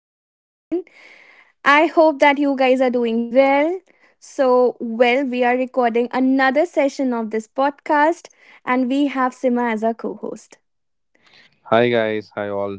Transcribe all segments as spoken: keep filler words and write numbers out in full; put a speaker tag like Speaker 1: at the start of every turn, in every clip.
Speaker 1: Is Oshin. I hope that you guys are doing well. So, well, we are recording another session of this podcast, and we have Sima as our co-host.
Speaker 2: Hi guys, hi all.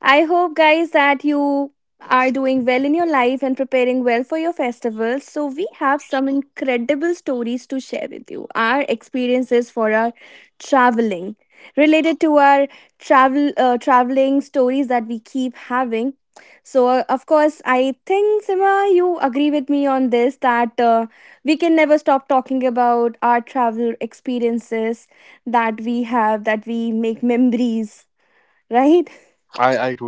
Speaker 1: I hope, guys, that you are doing well in your life and preparing well for your festivals. So, we have some incredible stories to share with you. Our experiences for our traveling, related to our travel, uh, traveling stories that we keep having. So, uh, of course, I think Sima, you agree with me on this that uh, we can never stop talking about our travel experiences that we have, that we make memories, right?
Speaker 2: I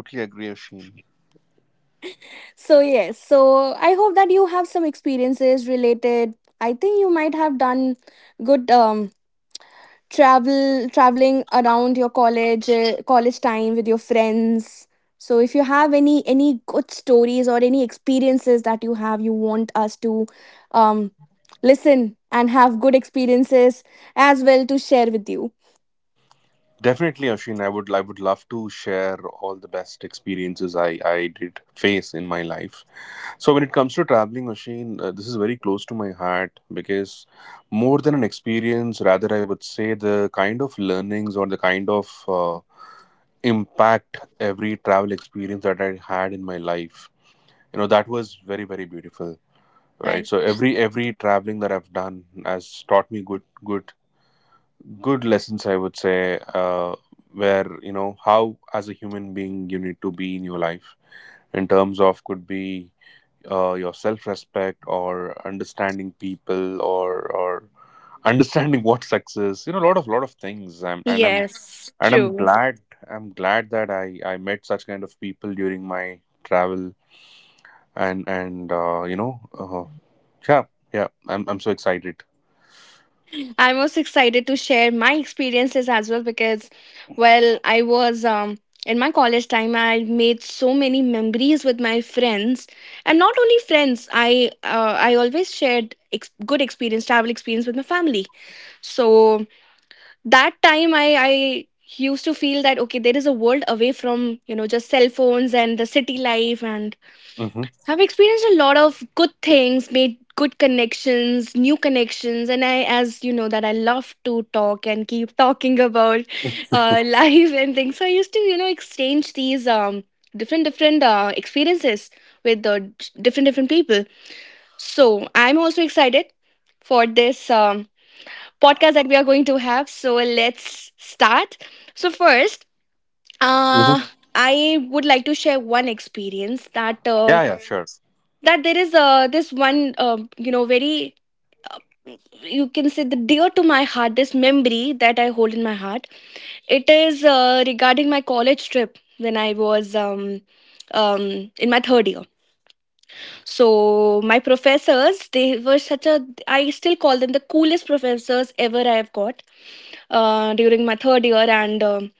Speaker 1: So yes, so I hope that you have some experiences related. I think you might have done good um travel traveling around your college uh, college time with your friends. So if you have any any good stories or any experiences that you have, you want us to um listen and have good experiences as well to share with you.
Speaker 2: definitely, Ashin, I would I would love to share all the best experiences I I did face in my life. So when it comes to traveling, Ashin, uh, this is very close to my heart because more than an experience, rather I would say the kind of learnings or the kind of uh, impact every travel experience that I had in my life. You know that was very very beautiful, right? So every every traveling that I've done has taught me good good good lessons I would say, uh, where you know how as a human being you need to be in your life in terms of could be, uh, your self-respect, or understanding people or or understanding what success, you know a lot of lot of things I'm, and i'm
Speaker 1: Yes,
Speaker 2: and i'm
Speaker 1: true.
Speaker 2: glad i'm glad that i i met such kind of people during my travel, and and uh, you know uh, yeah, yeah, i'm i'm so excited.
Speaker 1: I am most excited to share my experiences as well because, well, I was um, in my college time. I made so many memories with my friends, and not only friends. I uh, I always shared ex- good experience, travel experience with my family. So that time, I I used to feel that okay, there is a world away from, you know, just cell phones and the city life, and
Speaker 2: Mm-hmm.
Speaker 1: I've experienced a lot of good things, made good connections, new connections, and I, as you know, that I love to talk and keep talking about, uh, life and things. So I used to, you know, exchange these um different different uh, experiences with the different different people. So I'm also excited for this um, podcast that we are going to have. So let's start. So first,
Speaker 2: Mm-hmm.
Speaker 1: uh, I would like to share one experience that. Uh,
Speaker 2: Yeah, yeah, sure.
Speaker 1: that there is uh, this one, uh, you know, very — you can say the dear to my heart, this memory that I hold in my heart. It is uh, regarding my college trip when I was um, um in my third year. So my professors, they were such a I still call them the coolest professors ever I have got uh, during my third year, and um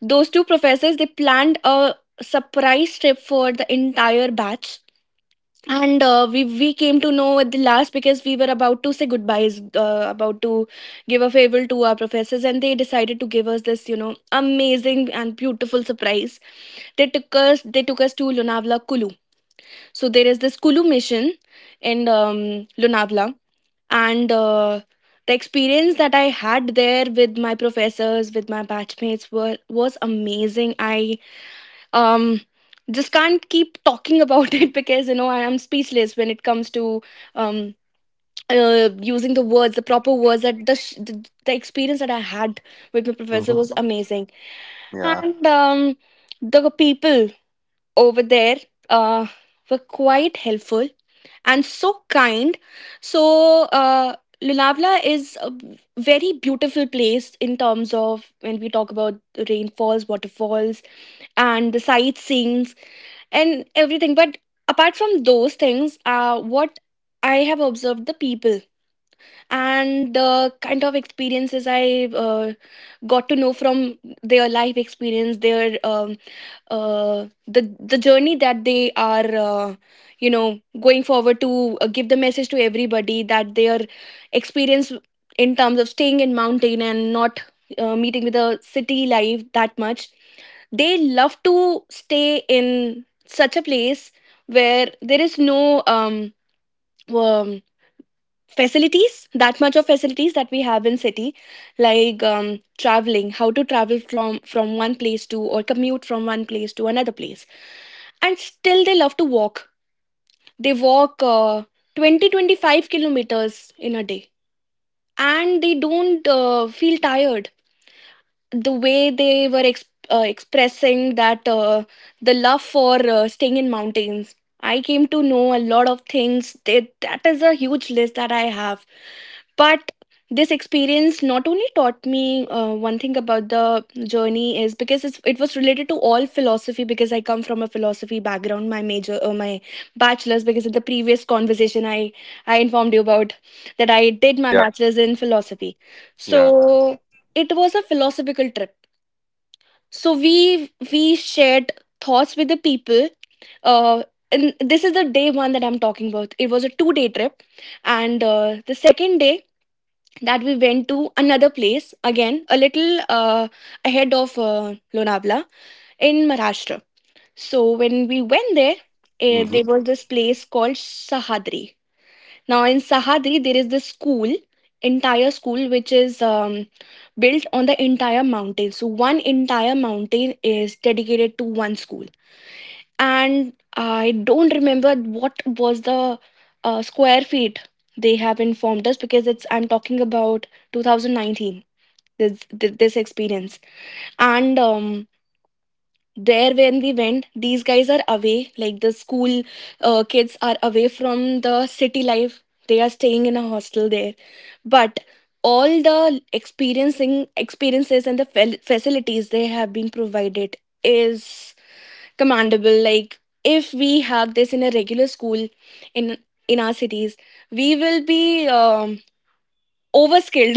Speaker 1: those two professors, they planned a surprise trip for the entire batch. And uh, we we came to know at the last, because we were about to say goodbyes, uh, about to give a farewell to our professors, and they decided to give us this, you know, amazing and beautiful surprise. They took us they took us to Lonavala Kulu. So there is this Kulu mission in um, Lonavala, and uh, the experience that I had there with my professors, with my batchmates, were was amazing. I um just can't keep talking about it, because, you know, I am speechless when it comes to um uh, using the words the proper words, that the, sh- the the experience that I had with my professor
Speaker 2: Mm-hmm.
Speaker 1: was amazing.
Speaker 2: Yeah,
Speaker 1: And um the people over there uh were quite helpful and so kind. So, uh Lunavla is a very beautiful place in terms of, when we talk about the rainfalls, waterfalls, and the sightseeing and everything. But apart from those things, uh, what I have observed, the people and the kind of experiences I uh, got to know from their life experience, their um, uh, the the journey that they are, uh, you know, going forward to, uh, give the message to everybody, that their experience in terms of staying in mountain and not uh, meeting with the city life that much, they love to stay in such a place where there is no um, um facilities that much of facilities that we have in city, like, um, traveling how to travel from from one place to, or commute from one place to another place. And still they love to walk. They walk uh, 20 twenty-five kilometers in a day, and they don't uh, feel tired. The way they were ex- uh, expressing that, uh, the love for, uh, staying in mountains, I came to know a lot of things. They, that is a huge list that I have. But this experience not only taught me uh, one thing about the journey, is because it's, it was related to all philosophy, because I come from a philosophy background. My major, uh, my bachelor's — because in the previous conversation i i informed you about that, I did my
Speaker 2: yeah,
Speaker 1: bachelor's in philosophy.
Speaker 2: yeah.
Speaker 1: So it was a philosophical trip. So we we shared thoughts with the people, uh and this is the day one that I'm talking about. It was a two day trip. And uh, the second day, that we went to another place, again, a little uh, ahead of uh, Lonavala, in Maharashtra. So when we went there, uh, there
Speaker 2: Hmm.
Speaker 1: was this place called Sahadri. Now in Sahadri, there is this school, entire school, which is um, built on the entire mountain. So one entire mountain is dedicated to one school, and I don't remember what was the uh, square feet they have informed us, because it's I'm talking about twenty nineteen, this th- this experience. And. Um, there, when we went, these guys are away, like the school uh, kids are away from the city life. They are staying in a hostel there. But all the experiencing experiences and the fel- facilities they have been provided is commendable. Like, if we have this in a regular school, in in our cities, we will be um, overskilled,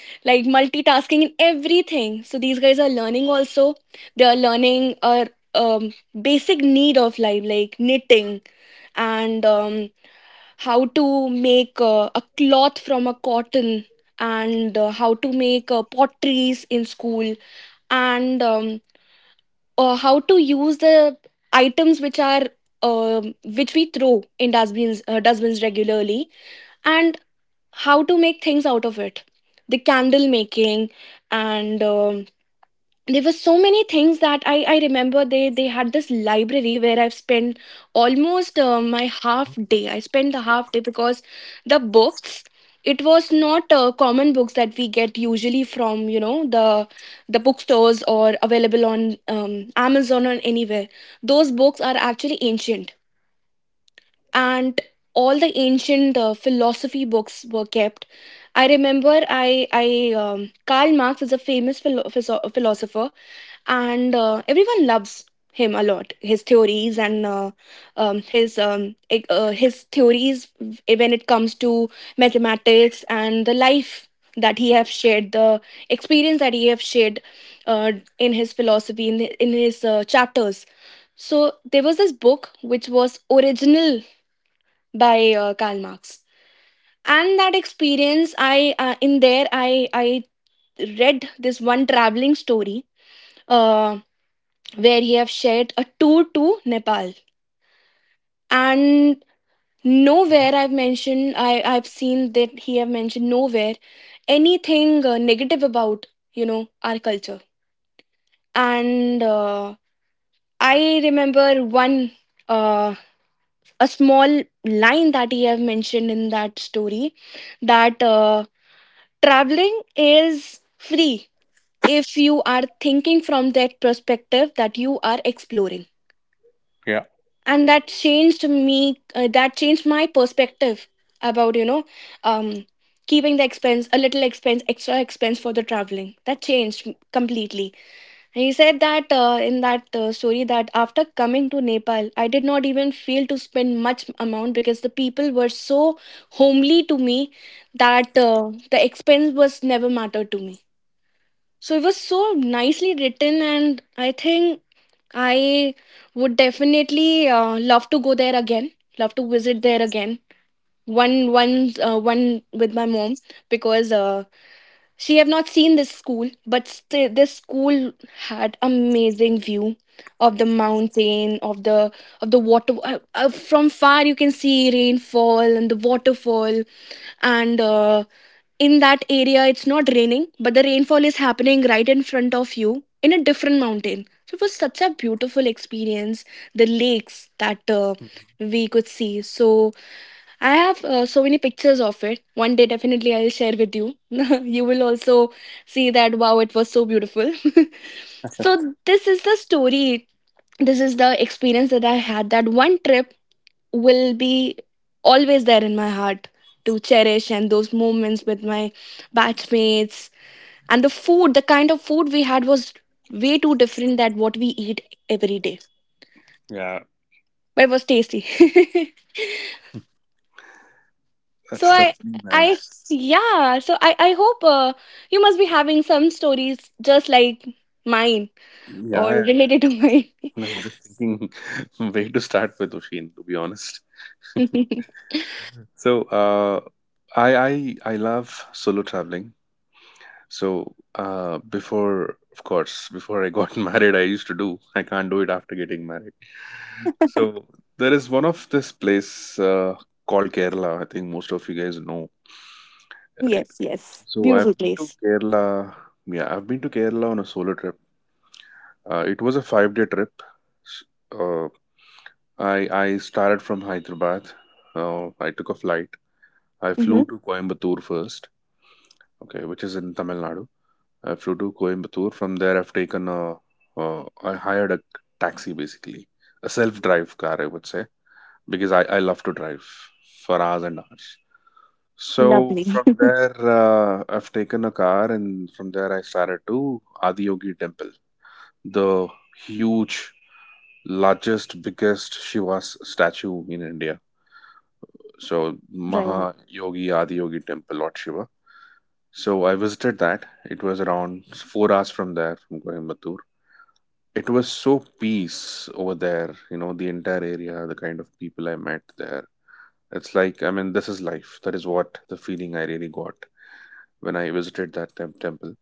Speaker 1: like multitasking in everything. So these guys are learning also. They are learning a um, basic need of life, like knitting, and um, how to make uh, a cloth from a cotton, and uh, how to make uh, potteries in school, and um, uh, how to use the items which are, um which we throw in dustbins, uh, dustbins regularly, and how to make things out of it. The candle making, and um, there were so many things that I, I remember. They they had this library where I've spent almost, uh, my
Speaker 2: Mhm.
Speaker 1: half day, I spent the half day, because the books, it was not uh, common books that we get usually from, you know, the the bookstores or available on um, Amazon or anywhere. Those books are actually ancient, and all the ancient uh, philosophy books were kept. I remember, I, I um, Karl Marx is a famous philo- phiso- philosopher, and uh, everyone loves him a lot. His theories, and, uh, um, his um, e- uh, his theories, when it comes to mathematics and the life that he have shared, the experience that he have shared uh, in his philosophy, in in his uh, chapters. So there was this book, which was original, by uh, Karl Marx. And that experience, I uh, in there, I I read this one traveling story, uh, where he have shared a tour to Nepal. And
Speaker 2: Mhm.
Speaker 1: nowhere I've mentioned, I I've seen that he have mentioned nowhere anything uh, negative about, you know, our culture. And uh, I remember one, uh, a small line that he have mentioned in that story, that uh, traveling is free, if you are thinking from that perspective, that you are exploring.
Speaker 2: Yeah.
Speaker 1: And that changed me, uh, that changed my perspective about, you know, um keeping the expense, a little expense, extra expense for the traveling, that changed completely. He said that uh, in that uh, story that after coming to Nepal, I did not even feel to spend much amount, because the people were so homely to me, that uh, the expense was never mattered to me. So it was so nicely written, and I think I would definitely uh, love to go there again. Love to visit there again. One, one, uh, one with my mom, because uh, she have not seen this school. But still, this school had amazing view of the mountain, of the of the water. Uh, uh, from far, you can see rainfall and the waterfall, and uh, in that area, it's not raining, but the rainfall is happening right in front of you, in a different mountain. So it was such a beautiful experience. The lakes that uh,
Speaker 2: Mhm.
Speaker 1: we could see. So I have uh, so many pictures of it. One day, definitely, I'll share with you. You will also see that, wow, it was so beautiful. So, this is the story. This is the experience that I had. That one trip will be always there in my heart to cherish, and those moments with my batchmates, and the food, the kind of food we had was way too different than what we eat every day.
Speaker 2: Yeah,
Speaker 1: But it was tasty. So
Speaker 2: that's that's
Speaker 1: I,
Speaker 2: really
Speaker 1: I
Speaker 2: nice.
Speaker 1: yeah. So I, I hope, uh, you must be having some stories just like mine,
Speaker 2: Yeah,
Speaker 1: or
Speaker 2: yeah,
Speaker 1: related to mine.
Speaker 2: definitely. I'm just thinking where to start with Oshin, to be honest. So, uh, I I I love solo traveling. So, uh, before, of course, before I got married, I used to do. I can't do it after getting married. So, there is one of this place, uh, called Kerala. I think most of you guys know, right?
Speaker 1: Yes.
Speaker 2: So, I've been to
Speaker 1: Yes.
Speaker 2: Kerala. Yeah, I've been to Kerala on a solo trip. Uh, it was a five day trip. Uh, I I started from Hyderabad. Uh, I took a flight. I
Speaker 1: Mm-hmm.
Speaker 2: flew to Coimbatore first. Okay, which is in Tamil Nadu. I flew to Coimbatore. From there, I've taken a. Uh, I hired a taxi basically, a self-drive car, I would say, because I I love to drive for hours and hours. So from there, uh, I've taken a car, and from there I started to Adiyogi Temple, the huge, largest, biggest Shiva statue in India. So Mahayogi Adiyogi Temple, Lord Shiva. So I visited that. It was around four hours from there, from Coimbatore. It was so peace over there. You know, the entire area, the kind of people I met there. It's like, I mean, this is life. That is what the feeling I really got when I visited that tem- temple.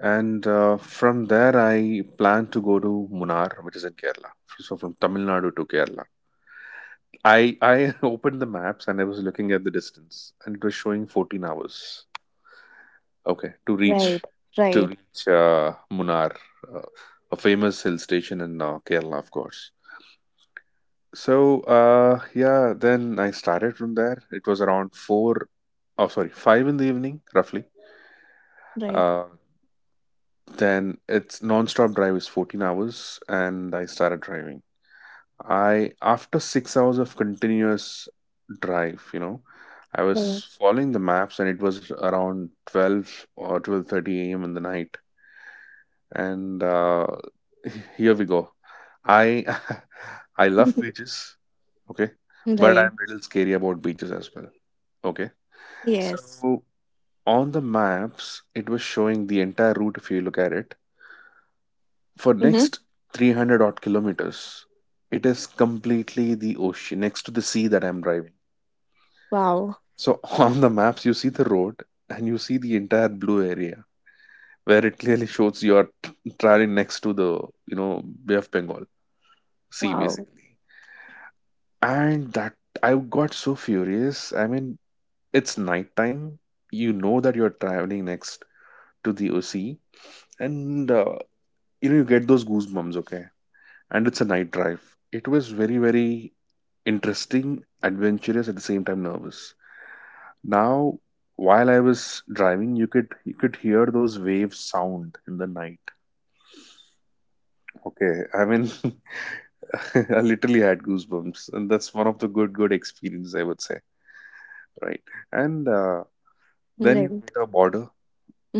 Speaker 2: And, uh, from there, I plan to go to Munnar, which is in Kerala. So from Tamil Nadu to Kerala. I I opened the maps and I was looking at the distance and it was showing fourteen hours. Okay, to
Speaker 1: Right.
Speaker 2: reach to reach, uh, Munnar, uh, a famous hill station in, uh, Kerala, of course. So, uh, yeah, then I started from there. It was around four, oh sorry, five in the evening roughly. Uh, then it's non-stop drive is fourteen hours, and I started driving. I After six hours of continuous drive, you know, I
Speaker 1: Right.
Speaker 2: was following the maps and it was around twelve or twelve thirty a m in the night. And, uh, here we go. I I love beaches. Okay, but
Speaker 1: Right.
Speaker 2: I'm a little scary about beaches as well. Okay,
Speaker 1: Yes.
Speaker 2: so on the maps, it was showing the entire route, if you look at it, for
Speaker 1: Mm-hmm.
Speaker 2: next three hundred odd kilometers. It is completely the ocean next to the sea that I'm driving. So on the maps, you see the road and you see the entire blue area where it clearly shows you are t- traveling next to the, you know Bay of Bengal sea
Speaker 1: Wow.
Speaker 2: basically. And that, I got so furious. I mean, it's nighttime. You know that you're traveling next to the sea, and, uh, you know you get those goosebumps. Okay, and it's a night drive. It was very very interesting, adventurous, at the same time nervous. Now, while I was driving, you could you could hear those waves sound in the night. Okay, I mean, I literally had goosebumps, and that's one of the good good experience I would say, right? And, uh, then you hit a border,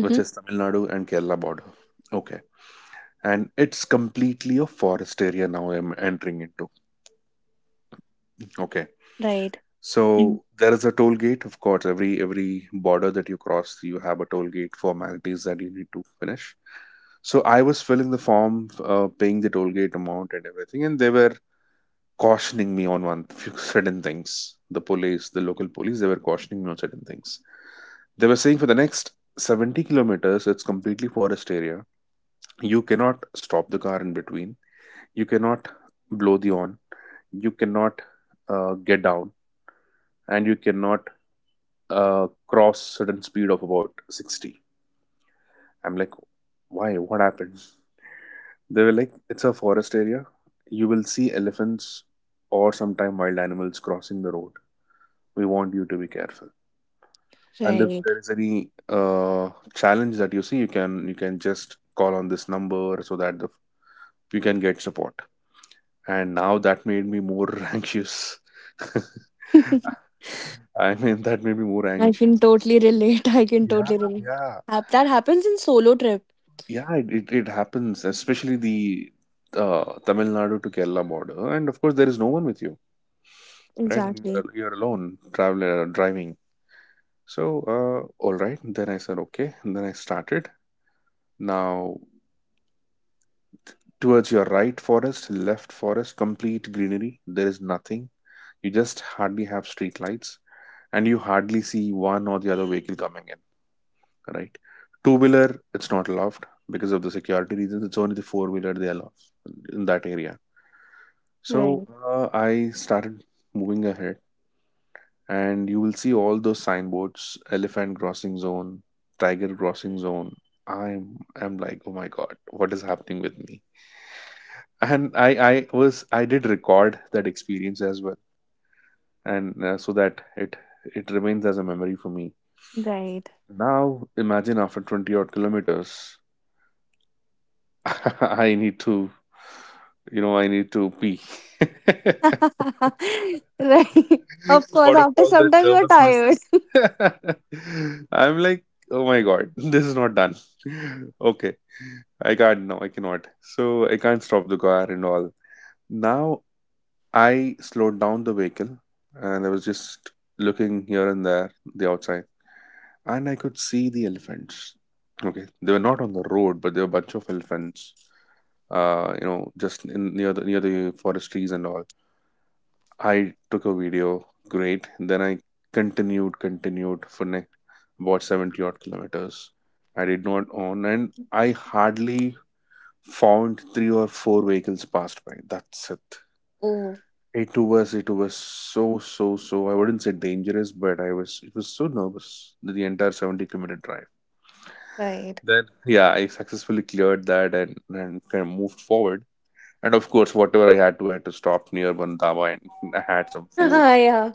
Speaker 2: which is Tamil Nadu and Kerala border. Okay, and it's completely a forest area now. I'm entering into. Okay,
Speaker 1: Right.
Speaker 2: so there is a toll gate, of course. Every every border that you cross, you have a toll gate formalities that you need to finish. So I was filling the form, uh, paying the toll gate amount and everything, and they were cautioning me on one few certain things. The police, the local police, they were cautioning me on certain things. They were saying for the next seventy kilometers, it's completely forest area. You cannot stop the car in between. You cannot blow the horn. You cannot, uh, get down, and you cannot, uh, cross certain speed of about sixty. I'm like, why, what happened? They were like, it's a forest area, you will see elephants or sometime wild animals crossing the road. We want you to be careful, and if
Speaker 1: Right.
Speaker 2: there is any, uh, challenge that you see, you can you can just call on this number so that the, you can get support. And now that made me more anxious. I mean, that made me more
Speaker 1: I
Speaker 2: anxious,
Speaker 1: can totally
Speaker 2: and
Speaker 1: relate. I can
Speaker 2: yeah,
Speaker 1: totally relate.
Speaker 2: yeah.
Speaker 1: Hap- That happens in solo trip.
Speaker 2: Yeah, it, it, it happens, especially the, uh, Tamil Nadu to Kerala border. And of course, there is no one with you, right? And
Speaker 1: Exactly.
Speaker 2: you're, you're alone, traveler, driving. So, uh, all right. Then I said, okay. And then I started. Now, towards your right forest, left forest, complete greenery. There is nothing. You just hardly have street lights, and you hardly see one or the other vehicle coming in, right? Two wheeler, it's not allowed because of the security reasons. It's only the four wheeler they allow in that area. So,
Speaker 1: Right.
Speaker 2: uh, I started moving ahead, and you will see all those signboards: elephant crossing zone, tiger crossing zone. I'm I'm like, oh my god, what is happening with me? And I I was I did record that experience as well, and uh, so that it it remains as a memory for me.
Speaker 1: Right.
Speaker 2: Now imagine after twenty odd kilometers, I need to, you know, I need to pee.
Speaker 1: Right. Of course.
Speaker 2: Out of
Speaker 1: After
Speaker 2: all
Speaker 1: some
Speaker 2: that
Speaker 1: time, you are
Speaker 2: nervousness.
Speaker 1: tired.
Speaker 2: I'm like, oh my god, this is not done. Okay, I can't now, I cannot. So I can't stop the car and all. Now I slowed down the vehicle and I was just looking here and there, the outside, and I could see the elephants. Okay, they were not on the road, but there were a bunch of elephants. Uh, you know, just in near the near the forest trees and all. I took a video, great. Then I continued, continued for ne- about seventy odd kilometers. I did not on, and I hardly found three or four vehicles passed by. That's it.
Speaker 1: Oh.
Speaker 2: It was, it was so, so, so. I wouldn't say dangerous, but I was, it was so nervous. The entire seventy kilometer drive.
Speaker 1: Right.
Speaker 2: Then, yeah, I successfully cleared that, and, and kind of moved forward. And of course, whatever I had to, I had to stop near one dhaba and I had some food.
Speaker 1: Yeah.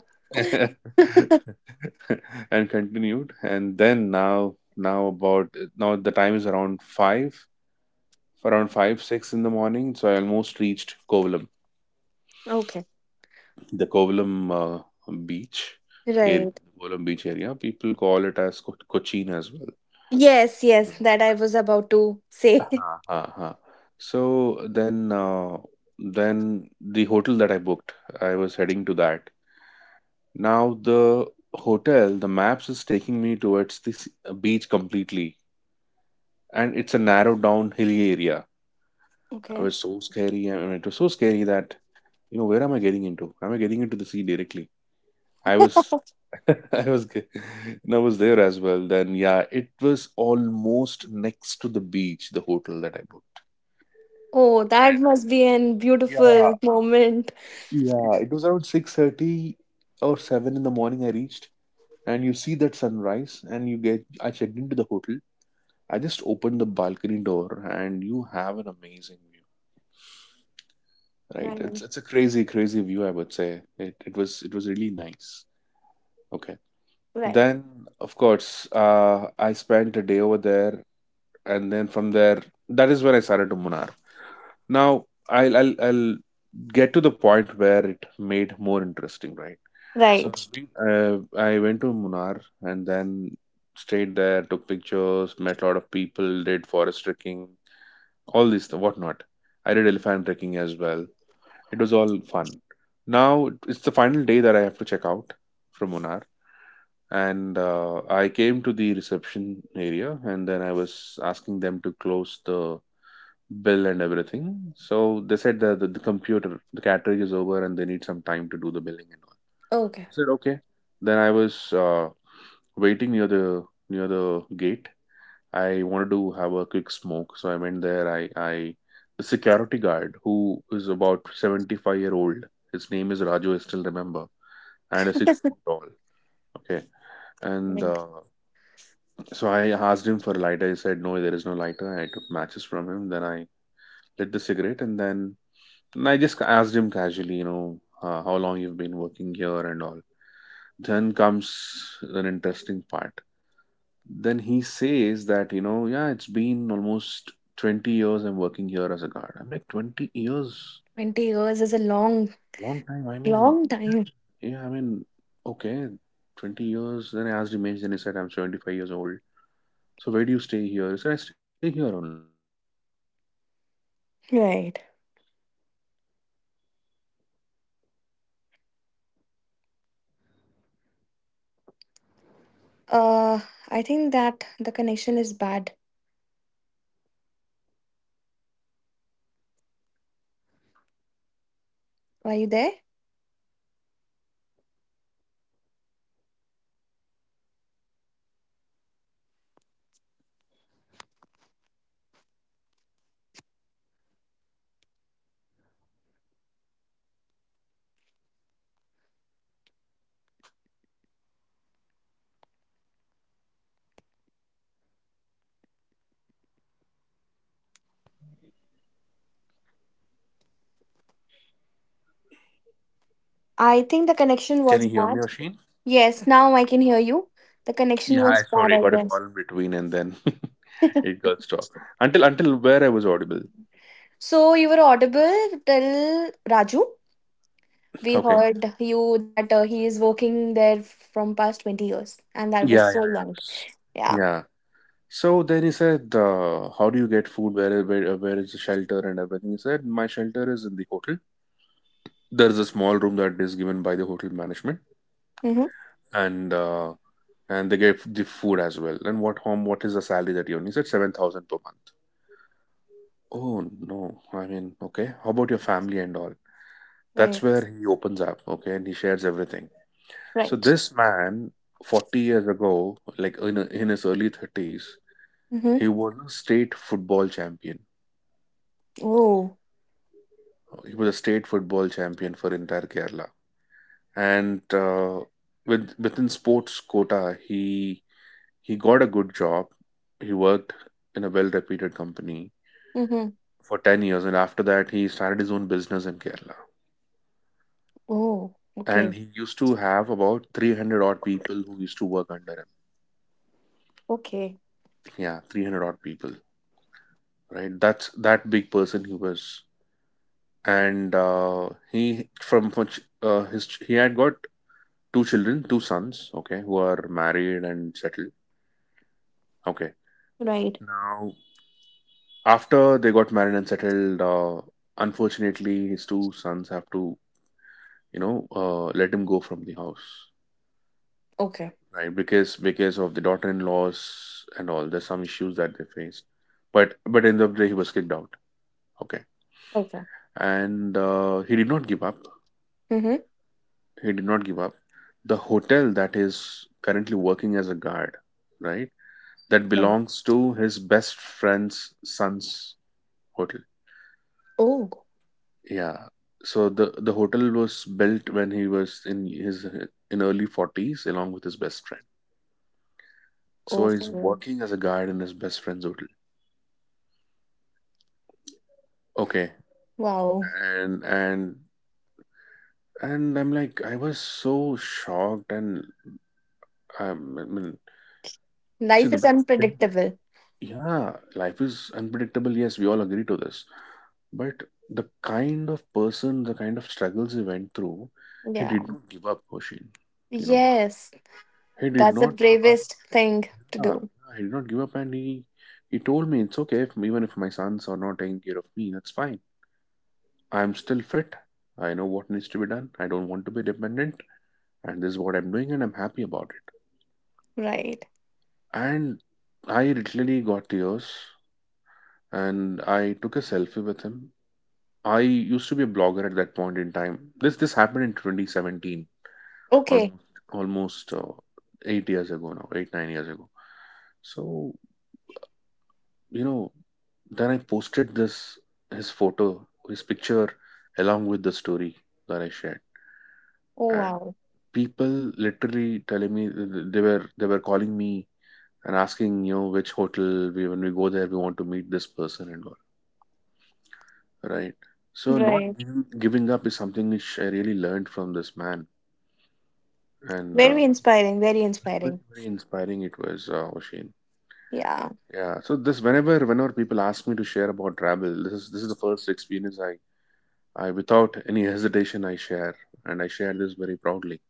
Speaker 2: And continued, and then now, now about now the time is around five, around five six in the morning. So I almost reached Kovalam,
Speaker 1: Okay.
Speaker 2: the Kovalam, uh, beach area.
Speaker 1: Right.
Speaker 2: Kovalam beach area, people call it as Co- cochin as well.
Speaker 1: Yes, yes,
Speaker 2: Uh-huh.
Speaker 1: that I was about to say.
Speaker 2: Uh-huh. So then, uh, then the hotel that I booked, I was heading to that. Now the hotel the maps is taking me towards this beach completely, and it's a narrow down hilly area. I
Speaker 1: Okay.
Speaker 2: was so scary. I mean, it was so scary that, you know where am I getting into? Am I getting into the sea directly? I was, I was, ge- and I was there as well. Then yeah, it was almost next to the beach, the hotel that I booked,
Speaker 1: Oh, that
Speaker 2: and
Speaker 1: must be a
Speaker 2: yeah,
Speaker 1: beautiful moment.
Speaker 2: yeah, it was around six thirty or seven in the morning. I reached, and you see that sunrise, and you get. I checked into the hotel. I just opened the balcony door, and you have an amazing view. Right. It's
Speaker 1: Right.
Speaker 2: it's a crazy, crazy view, I would say. It it was it was really nice. Okay.
Speaker 1: Right.
Speaker 2: Then, of course, uh, I spent a day over there, and then from there, that is when I started to Munnar. Now, I'll I'll I'll get to the point where it made more interesting, right? So
Speaker 1: Right.
Speaker 2: I've been, uh, I went to Munnar and then stayed there, took pictures, met a lot of people, did forest trekking, all these th- whatnot. I did elephant trekking as well. It was all fun. Now it's the final day that I have to check out from Munar, and uh, I came to the reception area, and then I was asking them to close the bill and everything. So they said that the, the computer, the cartridge is over, and they need some time to do the billing and all.
Speaker 1: Okay.
Speaker 2: I said okay. Then I was uh, waiting near the near the gate. I wanted to have a quick smoke, so I went there. I, I, the security guard who is about seventy-five year old. His name is Raju. I still remember, and is six foot tall. Okay, and
Speaker 1: Right.
Speaker 2: uh, so I asked him for a lighter. He said, "No, there is no lighter." I took matches from him. Then I lit the cigarette, and then and I just asked him casually, you know, uh, how long you've been working here and all. Then comes an interesting part. Then he says that, you know yeah, it's been almost twenty years I'm working here as a guard. I'm like, twenty years.
Speaker 1: twenty years is a long,
Speaker 2: Long time, I mean.
Speaker 1: long time.
Speaker 2: Yeah, I mean, okay, twenty years. Then I asked him age. Then he said, I'm seventy-five years old. So, where do you stay here? He said, I stay here only.
Speaker 1: Right. Uh, I think that the connection is bad. Are you there? I think the connection
Speaker 2: Can
Speaker 1: was
Speaker 2: you hear me,
Speaker 1: bad.
Speaker 2: Oshin?
Speaker 1: Yes, now I can hear you. The connection
Speaker 2: Yeah, I'm
Speaker 1: was bad,
Speaker 2: sorry,
Speaker 1: I
Speaker 2: got a
Speaker 1: guess.
Speaker 2: call in between and then it got stopped. Until until where I was audible.
Speaker 1: So you were audible till Raju? We
Speaker 2: Okay.
Speaker 1: heard you that uh, he is working there from past twenty years, and that was
Speaker 2: Yeah,
Speaker 1: so
Speaker 2: yeah, yeah.
Speaker 1: long.
Speaker 2: S-
Speaker 1: Yeah.
Speaker 2: Yeah. So then he said, uh, how do you get food? Where, where, uh, where is the shelter and everything? He said, my shelter is in the hotel. There's a small room that is given by the hotel management,
Speaker 1: Mm-hmm.
Speaker 2: and uh, and they get the food as well. And what home? What is the salary that you earn? He said, seven thousand per month. Oh no! I mean, okay. How about your family and all? That's
Speaker 1: Right.
Speaker 2: where he opens up, okay, and he shares everything. So
Speaker 1: Right.
Speaker 2: this man, forty years ago, like in, in his early thirties,
Speaker 1: Mm-hmm.
Speaker 2: he was a state football champion.
Speaker 1: Oh.
Speaker 2: He was a state football champion for entire Kerala, and uh, with within sports quota, he he got a good job. He worked in a well-reputed company
Speaker 1: Mm-hmm.
Speaker 2: for ten years, and after that, he started his own business in Kerala.
Speaker 1: Oh.
Speaker 2: And
Speaker 1: Okay.
Speaker 2: he used to have about three hundred odd people who used to work under him.
Speaker 1: Okay.
Speaker 2: Yeah, three hundred odd people. Right, that's that big person he was. And uh, he from from ch- uh, his ch- he had got two children, two sons. Okay, who are married and settled. Okay.
Speaker 1: Right.
Speaker 2: Now, after they got married and settled, uh, unfortunately his two sons have to you know uh, let him go from the house.
Speaker 1: Okay.
Speaker 2: Right, because because of the daughter-in-laws and all, there's some issues that they faced, but but in the end of the day, he was kicked out. Okay,
Speaker 1: Okay.
Speaker 2: and uh, he did not give up.
Speaker 1: Mm-hmm.
Speaker 2: He did not give up. The hotel that is currently working as a guard, right? That
Speaker 1: Right.
Speaker 2: belongs to his best friend's son's hotel.
Speaker 1: Oh.
Speaker 2: Yeah. So the the hotel was built when he was in his in early forties along with his best friend. So he's
Speaker 1: Okay.
Speaker 2: working as a guard in his best friend's hotel. Okay.
Speaker 1: Wow.
Speaker 2: And and and I'm like, I was so shocked, and um, I mean, see
Speaker 1: Life
Speaker 2: the
Speaker 1: is
Speaker 2: best thing,
Speaker 1: unpredictable.
Speaker 2: yeah, life is unpredictable. Yes, we all agree to this. But the kind of person, the kind of struggles he went through, he did
Speaker 1: Yeah.
Speaker 2: not give up, Hoshin. You know,
Speaker 1: Yes.
Speaker 2: he did
Speaker 1: That's the
Speaker 2: not give up.
Speaker 1: bravest thing to
Speaker 2: Yeah,
Speaker 1: do.
Speaker 2: yeah, he did not give up, and he he told me, it's okay, if even if my sons are not taking care of me, that's fine. I'm still fit. I know what needs to be done. I don't want to be dependent, and this is what I'm doing, and I'm happy about it.
Speaker 1: Right.
Speaker 2: And I literally got tears, and I took a selfie with him. I used to be a blogger at that point in time. This this happened in twenty seventeen.
Speaker 1: Okay.
Speaker 2: Almost almost uh, Eight years ago now, eight nine years ago. So, you know, then I posted this his photo, his picture, along with the story that I shared,
Speaker 1: Oh
Speaker 2: and
Speaker 1: wow.
Speaker 2: people literally telling me, they were, they were calling me and asking, you know which hotel, we when we go there, we want to meet this person and all. Right. So not
Speaker 1: Right.
Speaker 2: giving giving up is something which I really learned from this man, and uh,
Speaker 1: Very inspiring. Very
Speaker 2: very very
Speaker 1: inspiring.
Speaker 2: very inspiring it was, uh, Oshin.
Speaker 1: Yeah.
Speaker 2: Yeah, so this whenever whenever people ask me to share about travel, this is this is the first experience I I without any hesitation I share, and I share this very proudly.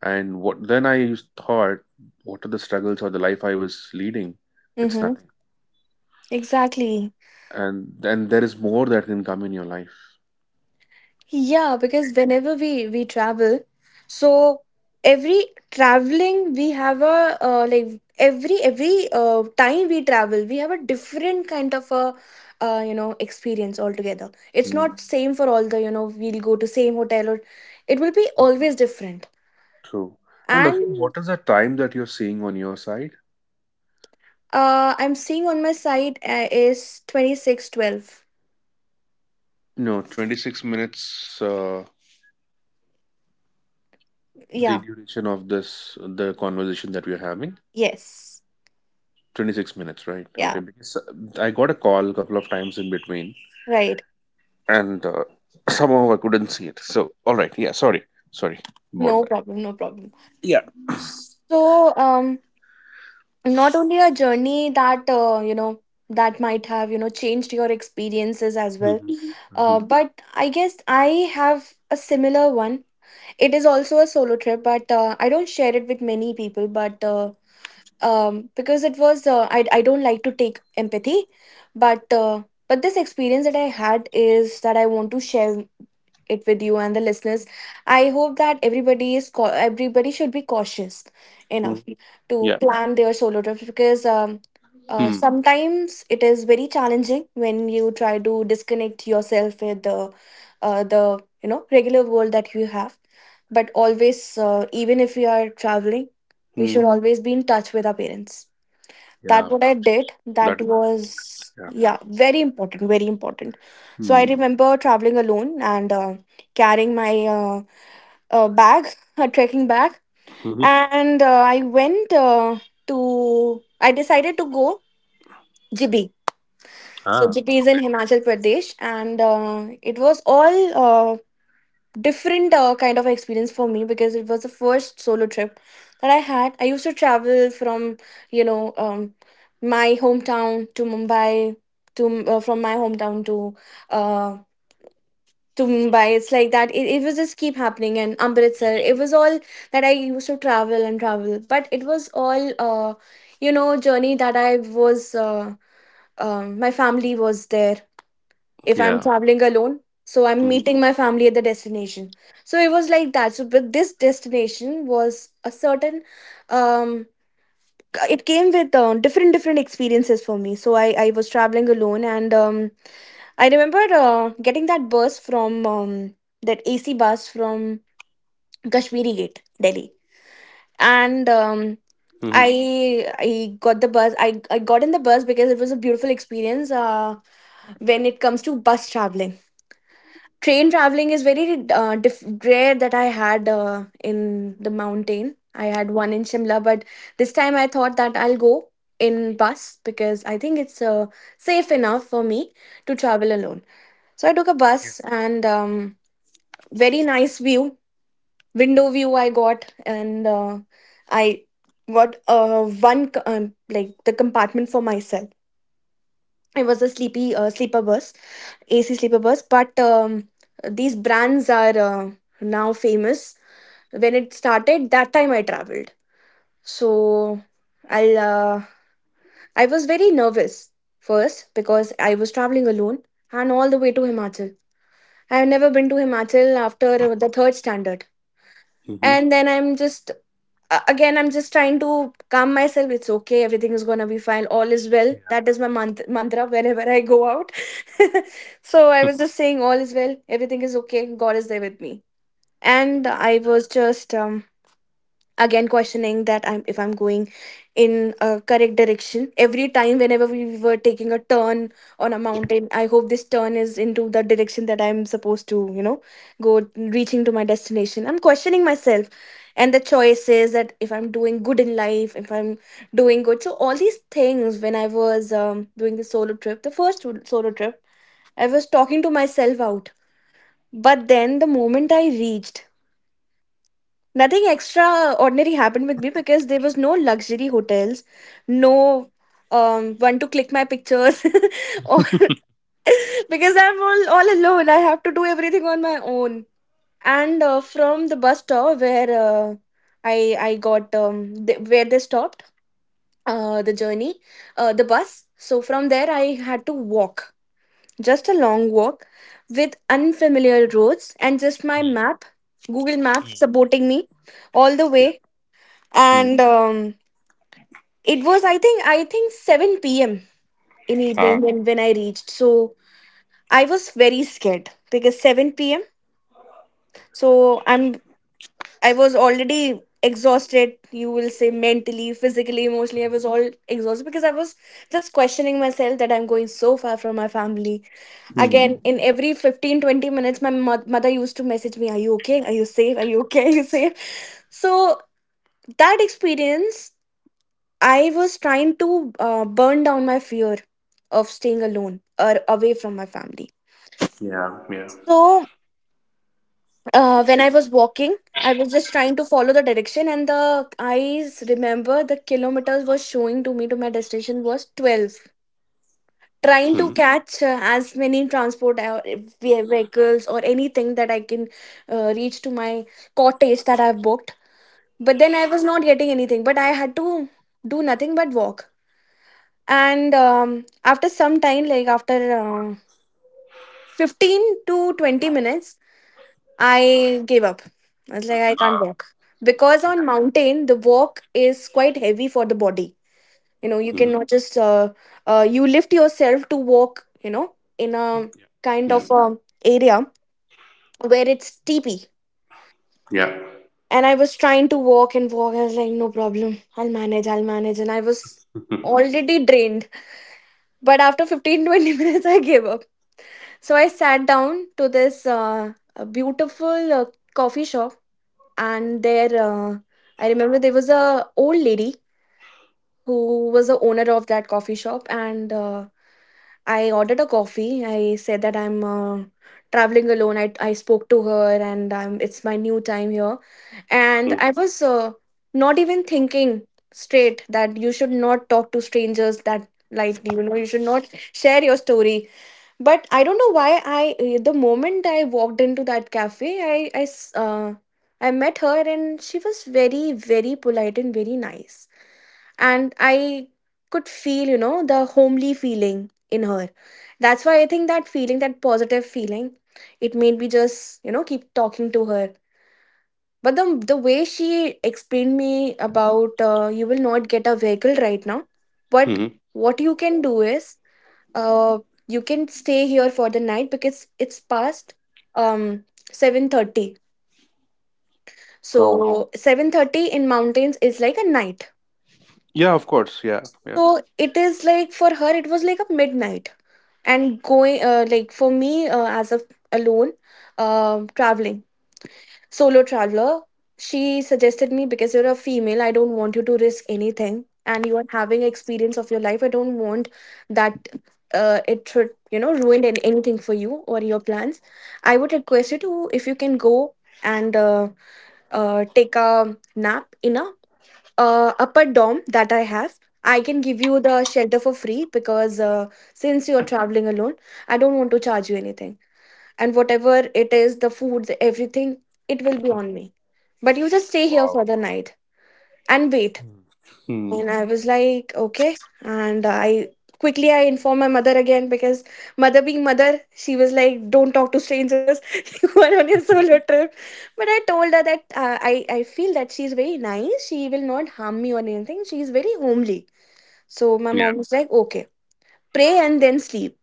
Speaker 2: And what then I used- thought, what are the struggles or the life I was leading? It's
Speaker 1: Mm-hmm.
Speaker 2: nothing,
Speaker 1: Exactly.
Speaker 2: and then there is more that can come in your life.
Speaker 1: Yeah, because
Speaker 2: Right.
Speaker 1: whenever we we travel, so every traveling we have a uh, like every every uh, time we travel we have a different kind of a uh, you know experience altogether. It's
Speaker 2: Hmm.
Speaker 1: not same for all the, you know, we'll go to same hotel or it will be
Speaker 2: True.
Speaker 1: always different.
Speaker 2: True. And okay,
Speaker 1: And
Speaker 2: what is the time that you're seeing on your side?
Speaker 1: uh, I'm seeing on my side uh, is twenty six twelve.
Speaker 2: No, twenty-six minutes. Uh, the
Speaker 1: Yeah.
Speaker 2: duration of this the conversation that we're having.
Speaker 1: Yes.
Speaker 2: twenty-six minutes, right? Okay,
Speaker 1: Yeah.
Speaker 2: because uh, I got a call a couple of times in between
Speaker 1: Right.
Speaker 2: and uh, somehow I couldn't see it. So, all right, yeah, sorry, sorry about
Speaker 1: No
Speaker 2: that.
Speaker 1: problem. No problem.
Speaker 2: Yeah.
Speaker 1: So, um, not only a journey that uh, you know that might have, you know, changed your experiences as well.
Speaker 2: Mm-hmm.
Speaker 1: Mhm.
Speaker 2: Mm-hmm.
Speaker 1: uh, but I guess I have a similar one. It is also a solo trip, but uh, I don't share it with many people, but uh, um, because it was uh, I, I don't like to take empathy, but uh, but this experience that I had is that I want to share it with you and the listeners. I hope that everybody is cau- everybody should be cautious
Speaker 2: hmm
Speaker 1: enough to
Speaker 2: Yeah.
Speaker 1: plan their solo trips because um, uh,
Speaker 2: Hmm.
Speaker 1: sometimes it is very challenging when you try to disconnect yourself with the uh, the you know regular world that you have. But always, uh, even if we are traveling, we
Speaker 2: Hmm.
Speaker 1: should, Mhm, always be in touch with our parents.
Speaker 2: Yeah,
Speaker 1: That what I did,
Speaker 2: that
Speaker 1: that
Speaker 2: is very
Speaker 1: was,
Speaker 2: important. Yeah.
Speaker 1: yeah, very important, very important. So I
Speaker 2: Hmm.
Speaker 1: remember traveling alone and uh, carrying my uh, uh, bag, a trekking bag,
Speaker 2: Mm-hmm.
Speaker 1: and uh, i went uh, to i decided to go Jibi. So
Speaker 2: Ah,
Speaker 1: Jibi is
Speaker 2: okay.
Speaker 1: in Himachal Pradesh, and uh, it was all uh, different uh, kind of experience for me because it was the first solo trip that I had. I used to travel from, you know, um, my hometown to Mumbai to, uh, from my hometown to uh, to Mumbai. It's like that. It, it was just keep happening, and Amritsar.
Speaker 2: Mm-hmm.
Speaker 1: It was all that I used to travel and travel, but it was all uh, you know journey that I was. Uh, um, my family was there if I'm
Speaker 2: Yeah.
Speaker 1: traveling alone. So I'm
Speaker 2: Mm-hmm.
Speaker 1: meeting my family at the destination. So it was like that. So but this destination was a certain um it came with uh, different different experiences for me. So I I was traveling alone, and um I remember uh, getting that bus from um that A C bus from Kashmiri Gate, Delhi. And um
Speaker 2: Mm-hmm.
Speaker 1: I I got the bus. I I got in the bus because it was a beautiful experience uh when it comes to bus traveling. Train traveling is very uh, diff- rare that I had uh, in the mountain. I had one in Shimla, but this time I thought that I'll go in bus because I think it's uh, safe enough for me to travel alone. So I took a
Speaker 2: Yeah.
Speaker 1: bus, and um, very nice view, window view I got, and uh, I got uh, one c- um, like the compartment for myself. It was a sleepy uh, sleeper bus, A C sleeper bus, but um, these brands are uh, now famous. When it started, that time I traveled, so I'll uh, I was very nervous first because I was traveling alone and all the way to Himachal. I have never been to Himachal after the third standard,
Speaker 2: Mm-hmm.
Speaker 1: and then I'm just a- again I'm just trying to calm myself. It's okay, everything is going to be fine, all is well.
Speaker 2: Yeah.
Speaker 1: That is my mant- mantra whenever I go out. So
Speaker 2: Hmm.
Speaker 1: I was just saying all is well, everything is okay, God is there with me, and I
Speaker 2: Yeah.
Speaker 1: was just um, again questioning that I'm, if I'm going in a correct direction every time whenever we were taking a turn on a mountain. I hope this turn is into the direction that I'm supposed to, you know, go reaching to my destination. I'm questioning myself and the choices, that if I'm doing good in life, if I'm doing good. So all these things when I was um, doing the solo trip, the first solo trip, I was talking to myself out. But then the moment I reached, nothing extraordinary happened with me because there was no luxury hotels, no um one to click my pictures or because I'm all, all alone. I have to do everything on my own. And uh, from the bus stop where uh, I I got um th- where they stopped uh the journey uh the bus. So from there I had to walk, just a long walk, with unfamiliar roads and just my map, Google Maps supporting me all the
Speaker 2: Yeah.
Speaker 1: way.
Speaker 2: Hmm.
Speaker 1: And um, it was, I think, i think seven p.m in evening
Speaker 2: Ah.
Speaker 1: when, when I reached. So I was very scared because seven p.m, so i'm I was already exhausted, you will say, mentally, physically, emotionally, I was all exhausted because I was just questioning myself that I'm going so far from my family. Again,
Speaker 2: Hmm.
Speaker 1: in every fifteen, twenty minutes my mo- mother used to message me, are you okay, are you safe, are you okay, are you safe. So that experience, I was trying to uh, burn down my fear of staying alone or away from my family.
Speaker 2: Yeah. Yeah.
Speaker 1: So uh, when I was walking, I was just trying to follow the direction, and the eyes remember the kilometers was showing to me to my destination was twelve. Trying to
Speaker 2: Hmm.
Speaker 1: catch uh, as many transport uh, ve- vehicles or anything that I can uh, reach to my cottage that I've booked. But then I was not getting anything. But I had to do nothing but walk. And um, after some time, like after uh, fifteen to twenty minutes, I gave up. I was like, I can't
Speaker 2: Ah.
Speaker 1: walk because on
Speaker 2: Yeah.
Speaker 1: mountain the walk is quite heavy for the body. You know, you
Speaker 2: Mm-hmm.
Speaker 1: cannot just uh, uh, you lift yourself to walk, you know, in a kind
Speaker 2: Yeah.
Speaker 1: of um area where it's steepy.
Speaker 2: Yeah.
Speaker 1: And I was trying to walk and walk, I was like no problem, I'll manage, I'll manage, and I was
Speaker 2: Yeah.
Speaker 1: already drained. But after fifteen twenty minutes I gave up. So I sat down to this uh, a beautiful uh, coffee shop, and there uh, I remember there was a old lady who was the owner of that coffee shop, and uh, I ordered a coffee. I said that I'm uh, traveling alone. I I spoke to her, and I'm, it's my new time here, and I was uh, not even thinking straight that you should not talk to strangers that lightly. You know, you should not share your story. But I don't know why I uh, the moment I walked into that cafe i i s- uh, i met her and she was very very polite and very nice, and I could feel, you know, the homely feeling in her. That's why I think that feeling, that positive feeling, it made me just, you know, keep talking to her. But the the way she explained me about, uh, you will not get a vehicle right now, but
Speaker 2: Mm-hmm.
Speaker 1: what you can do is uh you can stay here for the night because it's past um seven thirty.
Speaker 2: Oh,
Speaker 1: So seven thirty in mountains is like a night.
Speaker 2: yeah, of course. Yeah, yeah.
Speaker 1: So it is like for her it was like a midnight, and going uh, like for me uh, as a alone um traveling Solo Traveler, she suggested me, because you're a female, I don't want you to risk anything and you are having experience of your life. I don't want that uh, it should, you know, ruin an- anything for you or your plans. I would request you to, if you can go and uh, uh, take a nap in a uh, upper dorm that I have. I can give you the shelter for free because uh, since you're traveling alone, I don't want to charge you anything. And whatever it is, the food, the everything, it will be on me, but you just stay here
Speaker 2: Wow.
Speaker 1: for the night and wait.
Speaker 2: Hmm.
Speaker 1: And I was like, okay. and I Quickly, I informed my mother again, because mother being mother, she was like, don't talk to strangers. You are on your solo trip. But I told her that uh, i i feel that she's very nice, she will not harm me or anything. She is very homely. So my
Speaker 2: Yeah.
Speaker 1: mom was like, okay, pray and then sleep.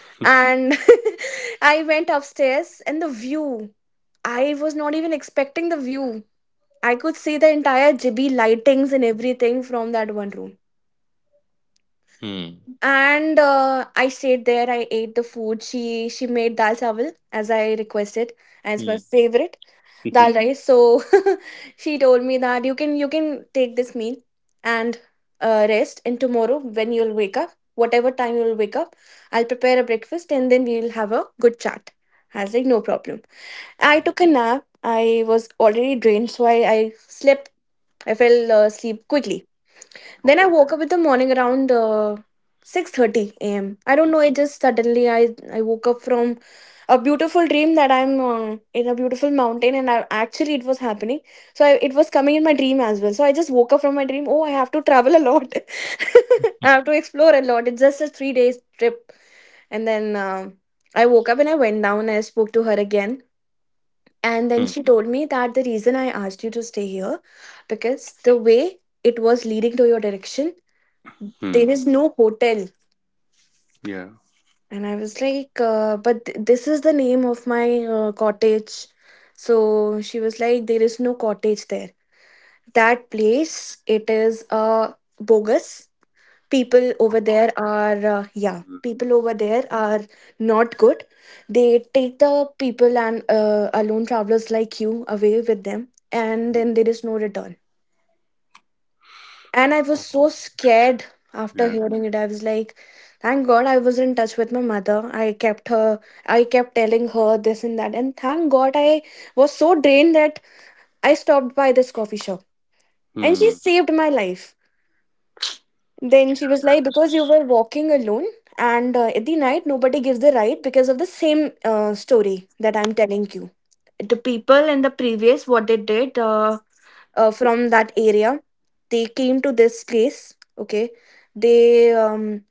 Speaker 1: And I went upstairs, and the view, I was not even expecting the view. I could see the entire Ghibli lightings and everything from that one room.
Speaker 2: Hmm.
Speaker 1: And uh, I stayed there. I ate the food. She she made dal chawal, as I requested, as my
Speaker 2: Hmm.
Speaker 1: favorite dal Mhm. rice. So she told me that you can you can take this meal and uh, rest. And tomorrow when you'll wake up, whatever time you'll wake up, I'll prepare a breakfast and then we'll have a good chat. I was like, no problem. I took a nap. I was already drained, so I, I slept. I fell uh, asleep quickly. Then I
Speaker 2: Okay.
Speaker 1: woke up in the morning around uh, six thirty a m. I don't
Speaker 2: Hmm.
Speaker 1: know, it just suddenly I, I woke up from a beautiful dream that I'm uh, in a beautiful mountain, and I, actually it was happening. So I, it was coming in my dream as well. So I just woke up from my dream. Oh, I have to travel a lot. I have to explore a lot. It's just a three days trip. And then um I woke up and I went down. I spoke to her again, and then
Speaker 2: Hmm.
Speaker 1: she told me that the reason I asked you to stay here, because the way it was leading to your direction, there
Speaker 2: Hmm.
Speaker 1: is no hotel.
Speaker 2: Yeah.
Speaker 1: And I was like, uh, but th- this is the name of my uh, cottage. So she was like, there is no cottage there. That place, it is a bogus. People
Speaker 2: Oh
Speaker 1: over
Speaker 2: my
Speaker 1: there
Speaker 2: god.
Speaker 1: are, uh, yeah,
Speaker 2: Hmm.
Speaker 1: people over there are not good. They take the people and uh, alone travelers like you away with them, and
Speaker 2: Hmm.
Speaker 1: then there is no return. And I was
Speaker 2: Oh
Speaker 1: so scared.
Speaker 2: my.
Speaker 1: After
Speaker 2: Yeah.
Speaker 1: hearing it, I was like, thank god I was in touch with my mother. i kept her I kept telling her this and that, and thank god I was so drained that I stopped by this coffee shop, and she
Speaker 2: Hmm.
Speaker 1: saved my life. Then she
Speaker 2: Yeah,
Speaker 1: was
Speaker 2: that
Speaker 1: like, because you
Speaker 2: is.
Speaker 1: were walking alone, and uh, at the night, nobody gives the right, because of the same uh, story that I'm telling you. The people in the previous, what they did, uh, uh, from that area, they came to this place, okay? They um,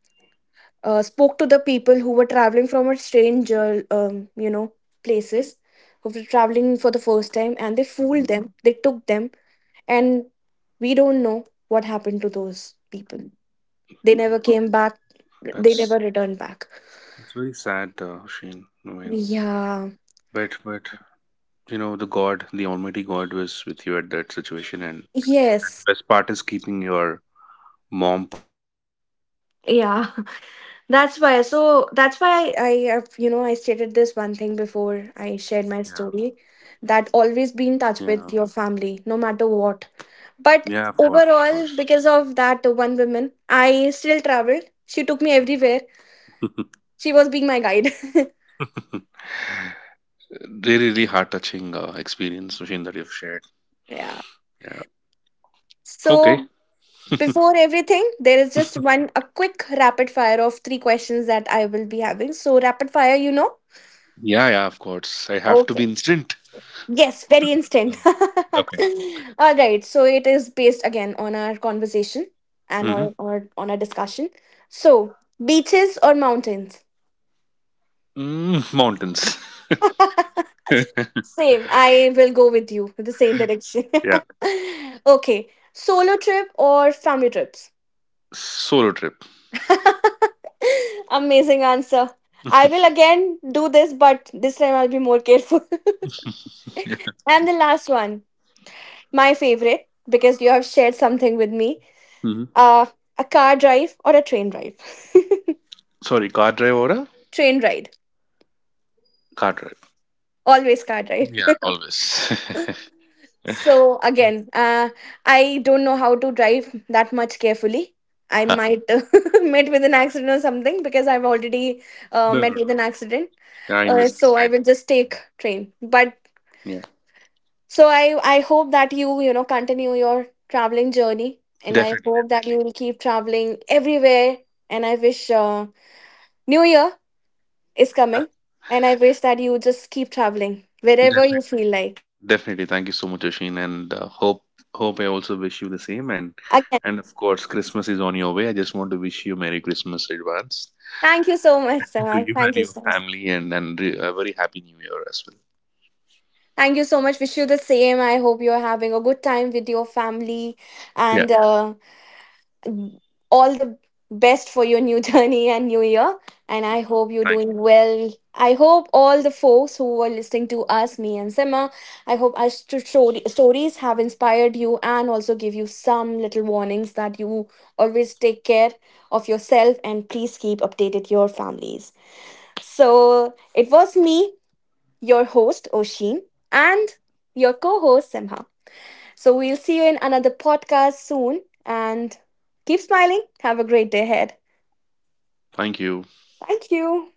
Speaker 1: uh, spoke to the people who were traveling from a strange, uh, um, you know, places, who were traveling for the first time, and they
Speaker 2: Hmm.
Speaker 1: fooled them, they took them, and we don't know what happened to those people. They never came back. They never
Speaker 2: That's
Speaker 1: return back.
Speaker 2: that's very sad, uh, Shane. I mean,
Speaker 1: Yeah.
Speaker 2: but but you know the God, the Almighty God, was with you at that situation, and and
Speaker 1: Yes.
Speaker 2: the best part is keeping your mom.
Speaker 1: Yeah. that's why so that's why i I have, you know I stated this one thing before. I shared my
Speaker 2: Yeah,
Speaker 1: story, that always be in touch with
Speaker 2: yeah,
Speaker 1: your family, no matter what. But
Speaker 2: yeah. Of course, of
Speaker 1: overall,
Speaker 2: course.
Speaker 1: because of that one woman, I still traveled. She took me everywhere. She was being my guide.
Speaker 2: Really, really heart touching uh, experience, Sushin, that you've shared.
Speaker 1: Yeah.
Speaker 2: Yeah. Okay.
Speaker 1: So before everything, there is just one, a quick rapid fire of three questions that I will be having. So, rapid fire, you know?
Speaker 2: Yeah, yeah, of course. I have to be
Speaker 1: Okay.
Speaker 2: instant.
Speaker 1: Yes, very instant.
Speaker 2: Mhm. Okay, okay.
Speaker 1: All right, so it is based again on our conversation and
Speaker 2: Hmm.
Speaker 1: on, or on our discussion. So, beaches or mountains?
Speaker 2: Mm, mountains.
Speaker 1: Same. I will go with you with the same direction.
Speaker 2: Yeah.
Speaker 1: Okay, solo trip or family trips?
Speaker 2: Solo trip.
Speaker 1: Amazing answer. I will again do this, but this time I'll be more careful.
Speaker 2: Yeah.
Speaker 1: And the last one, my favorite, because you have shared something with me,
Speaker 2: hmm
Speaker 1: uh, a car drive or a train drive.
Speaker 2: Sorry, car drive or a
Speaker 1: Train ride,
Speaker 2: car drive?
Speaker 1: always car drive.
Speaker 2: Yeah. Always.
Speaker 1: So again, uh, I don't know how to drive that much carefully. I
Speaker 2: Huh.
Speaker 1: might uh, met with an accident or something, because I've already uh,
Speaker 2: No,
Speaker 1: met
Speaker 2: no,
Speaker 1: with an
Speaker 2: no.
Speaker 1: accident.
Speaker 2: Yeah, I
Speaker 1: Uh,
Speaker 2: understand.
Speaker 1: so
Speaker 2: I
Speaker 1: I
Speaker 2: know.
Speaker 1: will just
Speaker 2: I
Speaker 1: take
Speaker 2: know.
Speaker 1: train. But
Speaker 2: Yeah.
Speaker 1: so I I hope that you you know continue your traveling journey, and I
Speaker 2: Definitely,
Speaker 1: hope that you
Speaker 2: definitely,
Speaker 1: will keep traveling everywhere. And I wish, uh, New Year is
Speaker 2: Uh,
Speaker 1: coming, and I wish that you just keep traveling wherever you
Speaker 2: definitely.
Speaker 1: feel like.
Speaker 2: Definitely, thank you so much, Oshin, and uh, hope hope I also wish you the same. And and of course, Christmas is on your way. I just want to wish you Merry Christmas in advance
Speaker 1: Thank you so much,
Speaker 2: to
Speaker 1: Sarah.
Speaker 2: you and
Speaker 1: Thank you
Speaker 2: your
Speaker 1: so much.
Speaker 2: family, and and re- a very Happy New Year as well.
Speaker 1: Thank you so much. Wish you the same. I hope you're having a good time with your family,
Speaker 2: Yeah,
Speaker 1: and uh, all the best for your new journey and new year. And I hope you're
Speaker 2: thank you,
Speaker 1: doing well. I hope all the folks who are listening to us, me and Sima, I hope our st- story- stories have inspired you, and also give you some little warnings, that you always take care of yourself, and please keep updated your families. So it was me, your host, Oshin, and your co host, Simha. So we'll see you in another podcast soon, and keep smiling. Have a great day ahead.
Speaker 2: thank you.
Speaker 1: Thank you.